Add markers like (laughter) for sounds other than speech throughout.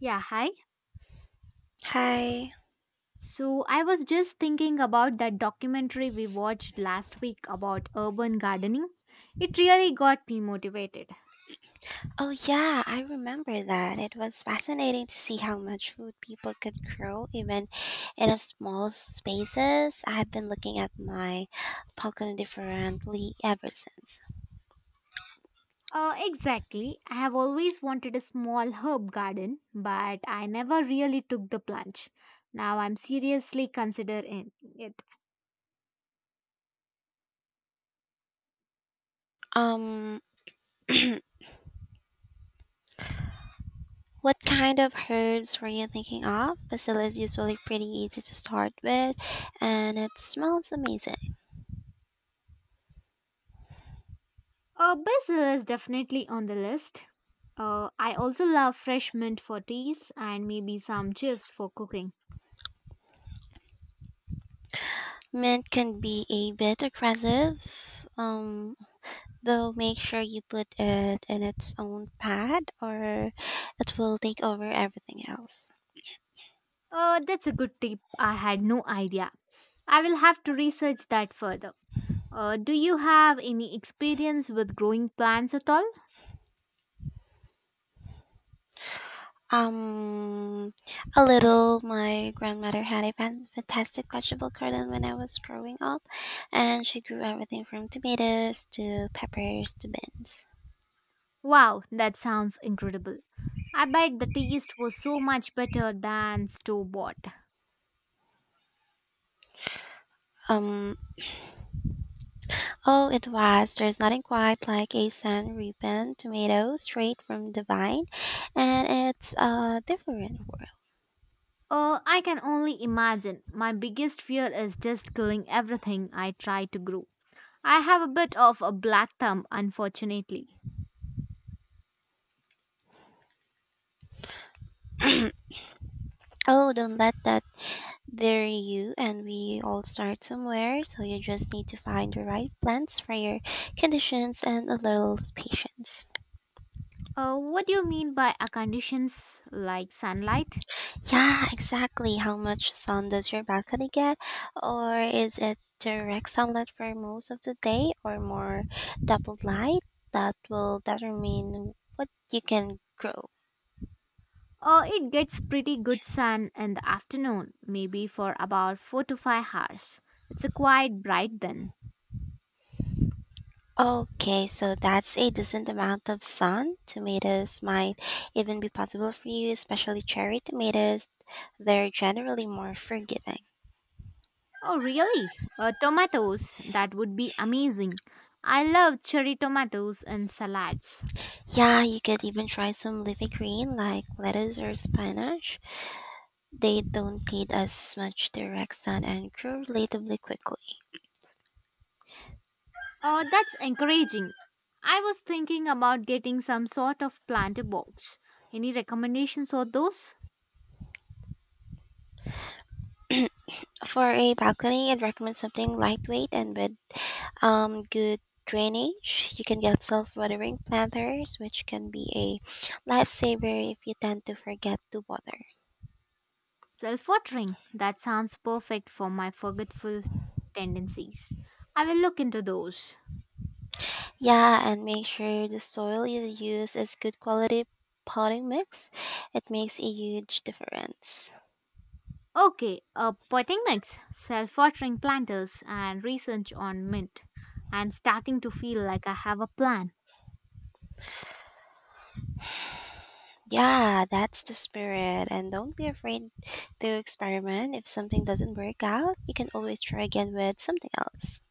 Yeah, hi. Hi. So I was just thinking about that documentary we watched last week about urban gardening. It really got me motivated. Oh, yeah, I remember that. It was fascinating to see how much food people could grow even in a small spaces. I've been looking at my balcony differently ever since. Exactly. I have always wanted a small herb garden, but I never really took the plunge. Now I'm seriously considering it. Um, what kind of herbs were you thinking of? Basil is usually pretty easy to start with, and it smells amazing. Basil is definitely on the list. I also love fresh mint for teas and maybe some chips for cooking. Mint can be a bit aggressive. Though make sure you put it in its own pad or it will take over everything else. That's a good tip. I had no idea. I will have to research that further. Do you have any experience with growing plants at all? Um, a little. My grandmother had a fantastic vegetable garden when I was growing up, and she grew everything from tomatoes to peppers to beans. Wow, that sounds incredible. I bet the taste was so much better than store bought. Um, oh, it was. There's nothing quite like a San Reapin tomato straight from the vine, and it's a different world. I can only imagine. My biggest fear is just killing everything I try to grow. I have a bit of a black thumb, unfortunately. Oh, don't let the There you, and we all start somewhere, so you just need to find the right plants for your conditions and a little patience. What do you mean by a conditions like sunlight? Yeah, exactly. How much sun does your balcony get? Or is it direct sunlight for most of the day, or more doubled light? That will determine what you can grow. It gets pretty good sun in the afternoon, maybe for about 4 to 5 hours. It's a quite bright then. Okay, so that's a decent amount of sun. Tomatoes might even be possible for you, especially cherry tomatoes. They're generally more forgiving. Oh, really? Tomatoes, that would be amazing. I love cherry tomatoes in salads. Yeah, you could even try some leafy green like lettuce or spinach. They don't need as much direct sun and grow relatively quickly. Oh, that's encouraging. I was thinking about getting some sort of planter box. Any recommendations for those? For a balcony, I'd recommend something lightweight and with good drainage. You can get self-watering planters, which can be a lifesaver if you tend to forget to water. Self watering, that sounds perfect for my forgetful tendencies. I will look into those. Yeah, and make sure the soil you use is good quality potting mix. It makes a huge difference. Okay, potting mix, self-watering planters, and research on mint. I'm starting to feel like I have a plan. Yeah, that's the spirit. And don't be afraid to experiment. If something doesn't work out, you can always try again with something else.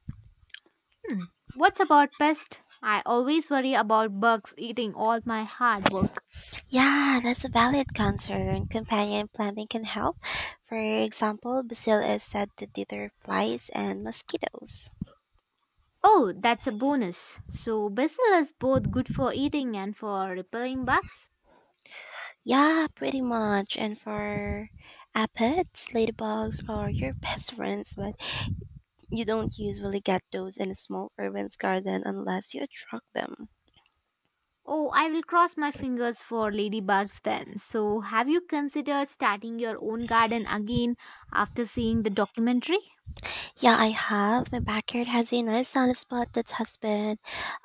Hmm. What's about pests? I always worry about bugs eating all my hard work. Yeah, that's a valid concern. Companion planting can help. For example, basil is said to deter flies and mosquitoes. Oh, that's a bonus. So basil is both good for eating and for repelling bugs. Yeah, pretty much. And for aphids, ladybugs are your best friends, but you don't usually get those in a small urban garden unless you attract them. Oh, I will cross my fingers for ladybugs then. So, have you considered starting your own garden again after seeing the documentary? Yeah, I have. My backyard has a nice sunny spot that has been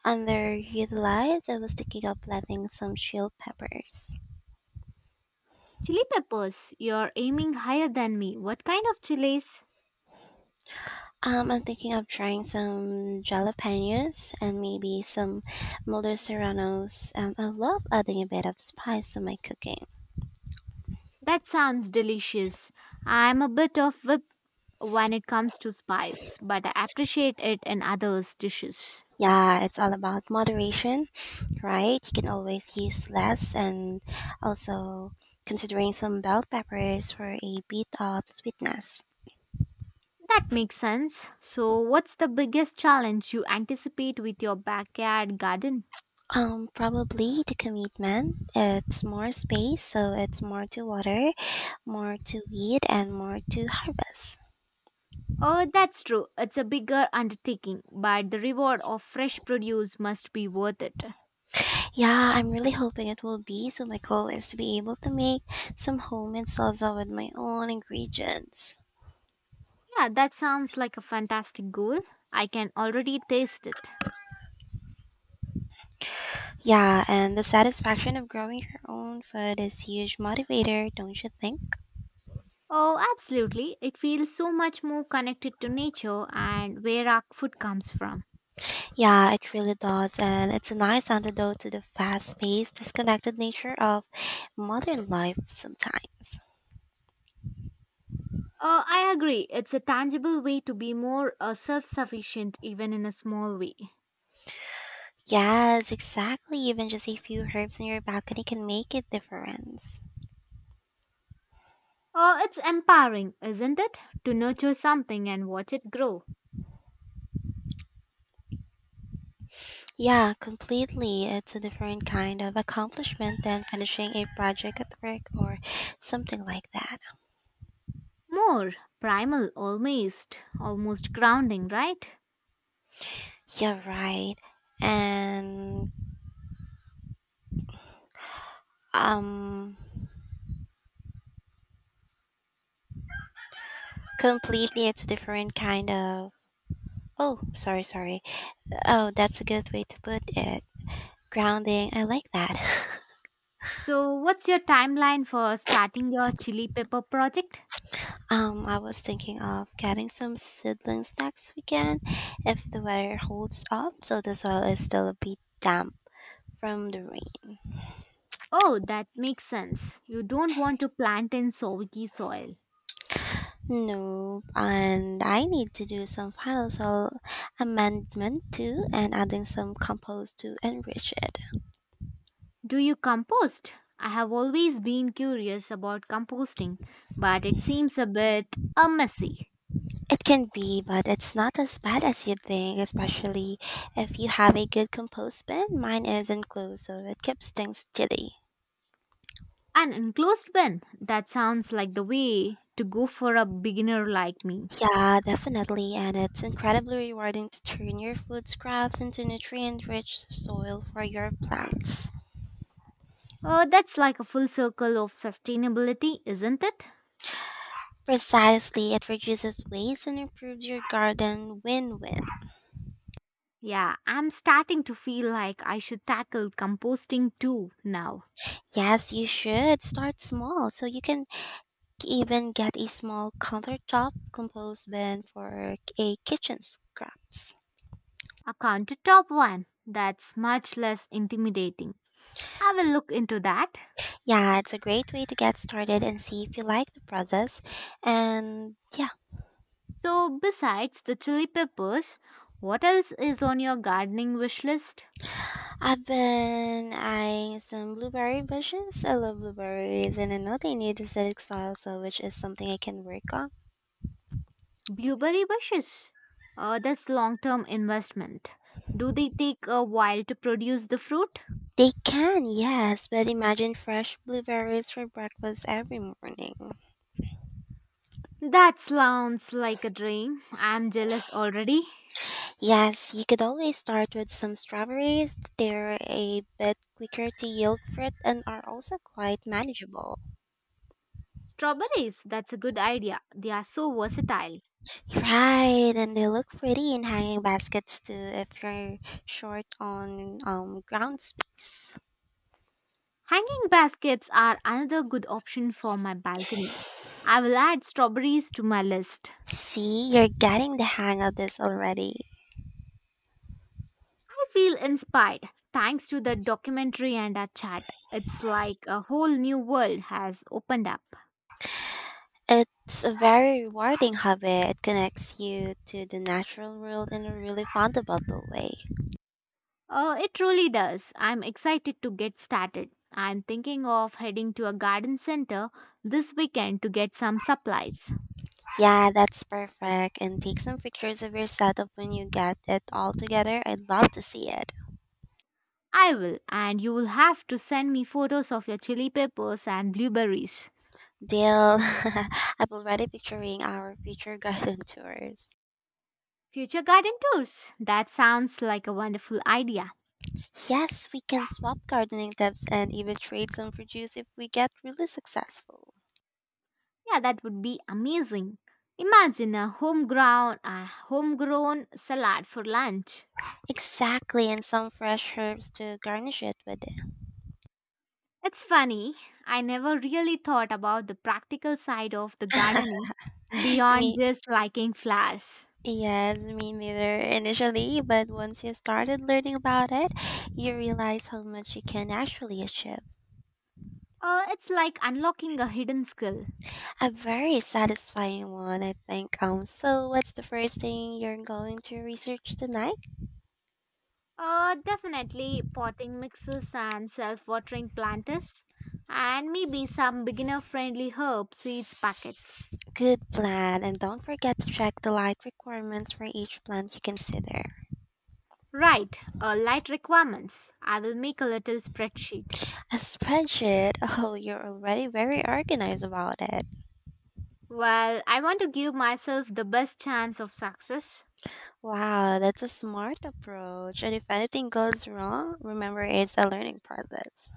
underutilized. I was thinking of planting some chilled peppers. Chili peppers, you're aiming higher than me. What kind of chilies? I'm thinking of trying some jalapenos and maybe some Mulder serranos. And I love adding a bit of spice to my cooking. That sounds delicious. I'm a bit of whip when it comes to spice, but I appreciate it in others' dishes. Yeah, it's all about moderation, right? You can always use less and also considering some bell peppers for a bit of sweetness. That makes sense. So, what's the biggest challenge you anticipate with your backyard garden? Probably the commitment. It's more space, so it's more to water, more to weed, and more to harvest. Oh, that's true. It's a bigger undertaking, but the reward of fresh produce must be worth it. Yeah, I'm really hoping it will be. So my goal is to be able to make some homemade salsa with my own ingredients. Yeah, that sounds like a fantastic goal. I can already taste it. Yeah, and the satisfaction of growing your own food is huge motivator, don't you think? Oh, absolutely. It feels so much more connected to nature and where our food comes from. Yeah, it really does, and it's a nice antidote to the fast-paced, disconnected nature of modern life sometimes. I agree. It's a tangible way to be more self sufficient, even in a small way. Yes, exactly. Even just a few herbs on your balcony can make a difference. It's empowering, isn't it? To nurture something and watch it grow. Yeah, completely. It's a different kind of accomplishment than finishing a project at work or something like that. More primal, almost, almost grounding, right? Yeah, right. And um completely it's a different kind of Oh, sorry. Oh, that's a good way to put it. Grounding. I like that. So, what's your timeline for starting your chili pepper project? I was thinking of getting some seedlings next weekend if the weather holds up, so the soil is still a bit damp from the rain. Oh, that makes sense. You don't want to plant in soggy soil. No, and I need to do some final soil amendment too, and adding some compost to enrich it. Do you compost? I have always been curious about composting, but it seems a bit messy. It can be, but it's not as bad as you think, especially if you have a good compost bin. Mine isn't closed, so it keeps things chilly. An enclosed bin? That sounds like the way to go for a beginner like me. Yeah, definitely. And it's incredibly rewarding to turn your food scraps into nutrient rich soil for your plants. That's like a full circle of sustainability, isn't it? Precisely, it reduces waste and improves your garden win win. Yeah, I'm starting to feel like I should tackle composting too now. Yes, you should start small so you can even get a small countertop compost bin for a kitchen scraps. A countertop one that's much less intimidating. I will look into that. Yeah, it's a great way to get started and see if you like the process. And yeah, So, besides the chili peppers, what else is on your gardening wish list? I've been eyeing some blueberry bushes. I love blueberries and I know they need acidic soil, so which is something I can work on. Blueberry bushes. That's long term investment. Do they take a while to produce the fruit? They can, yes, but imagine fresh blueberries for breakfast every morning. That sounds like a dream. I'm jealous already. Yes, you could always start with some strawberries. They're a bit quicker to yield fruit and are also quite manageable. Strawberries, that's a good idea. They are so versatile. Right, and they look pretty in hanging baskets too if you're short on ground space. Hanging baskets are another good option for my balcony. I will add strawberries to my list. See, you're getting the hang of this already. I feel inspired thanks to the documentary and our chat. It's like a whole new world has opened up. It's a very rewarding hobby. It connects you to the natural world in a really found-about way. It really does. I'm excited to get started. I'm thinking of heading to a garden center this weekend to get some supplies. Yeah, that's perfect. And take some pictures of your setup when you get it all together. I'd love to see it. I will, and you will have to send me photos of your chili peppers and blueberries. Deal. (laughs) I'm already picturing our future (laughs) garden tours. Future garden tours. That sounds like a wonderful idea. Yes, we can swap gardening tips and even trade some produce if we get really successful. Yeah, that would be amazing. Imagine a homegrown salad for lunch. Exactly, and some fresh herbs to garnish it with It's funny, I never really thought about the practical side of the gardening beyond Me, just liking flowers. yes, me neither initially, but once you started learning about it, you realize how much you can actually achieve. It's like unlocking a hidden skill. A very satisfying one, I think. So what's the first thing you're going to research tonight? Definitely potting mixes and self-watering planters and maybe some beginner-friendly herb seeds packets. Good plan, and don't forget to check the light requirements for each plant you consider. Right, light requirements. I will make a little spreadsheet. A spreadsheet. (laughs) Oh, you're already very organized about it. Well, I want to give myself the best chance of success. Wow, that's a smart approach. And if anything goes wrong, remember it's a learning process.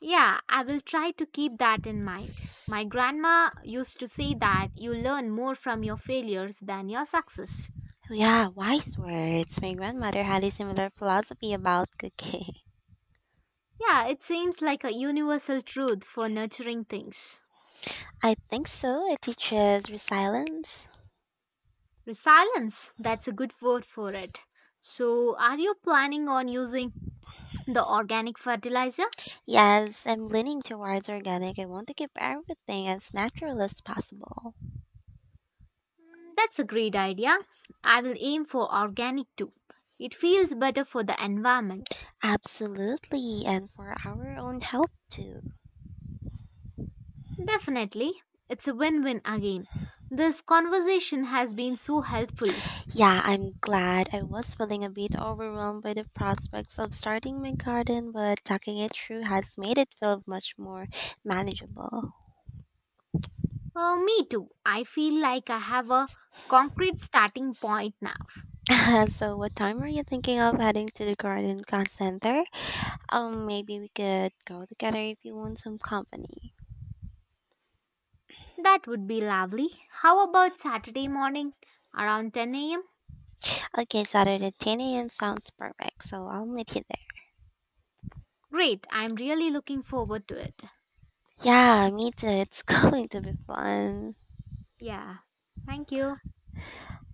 Yeah, I will try to keep that in mind. My grandma used to say that you learn more from your failures than your success. Yeah, wise words. My grandmother had a similar philosophy about cooking. Yeah, it seems like a universal truth for nurturing things. (laughs) I think so. It teaches resilience. Resilience, that's a good word for it. So, are you planning on using the organic fertilizer? Yes, I'm leaning towards organic. I want to keep everything as natural as possible. Mm, that's a great idea. I will aim for organic too. It feels better for the environment. Absolutely, and for our own health too. Definitely. It's a win win again. This conversation has been so helpful. Yeah, I'm glad. I was feeling a bit overwhelmed by the prospects of starting my garden, but talking it through has made it feel much more manageable. Me too. I feel like I have a concrete starting point now. (laughs) So, what time are you thinking of heading to the garden center? Maybe we could go together if you want some company. That would be lovely. How about Saturday morning around 10 a.m.? Okay, Saturday 10 a.m. sounds perfect, so I'll meet you there. Great. I'm really looking forward to it. Yeah, me too. It's (laughs) going to be fun. Yeah. Thank you.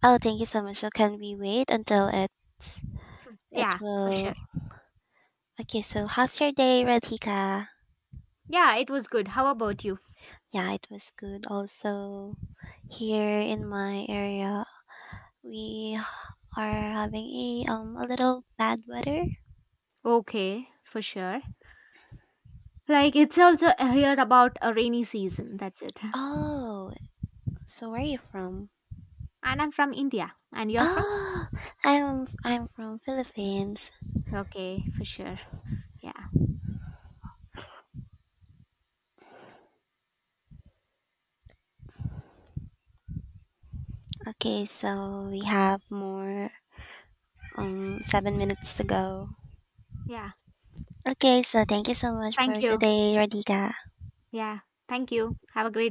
Oh, thank you so much. So can we wait until it's it Yeah, for sure. will? Okay, so how's your day, Radhika? Yeah, it was good. How about you? Yeah, it was good. Also, here in my area, we are having a little bad weather. Okay, for sure. Like, it's also here about a rainy season. That's it. (laughs) Oh, so where are you from? And I'm from India. And you're from? Oh, I'm from Philippines. Okay, for sure. Yeah. Okay, so we have more 7 minutes to go. Yeah. Okay, so thank you so much Thank for you. today, Radhika. Yeah. Thank you. Have a great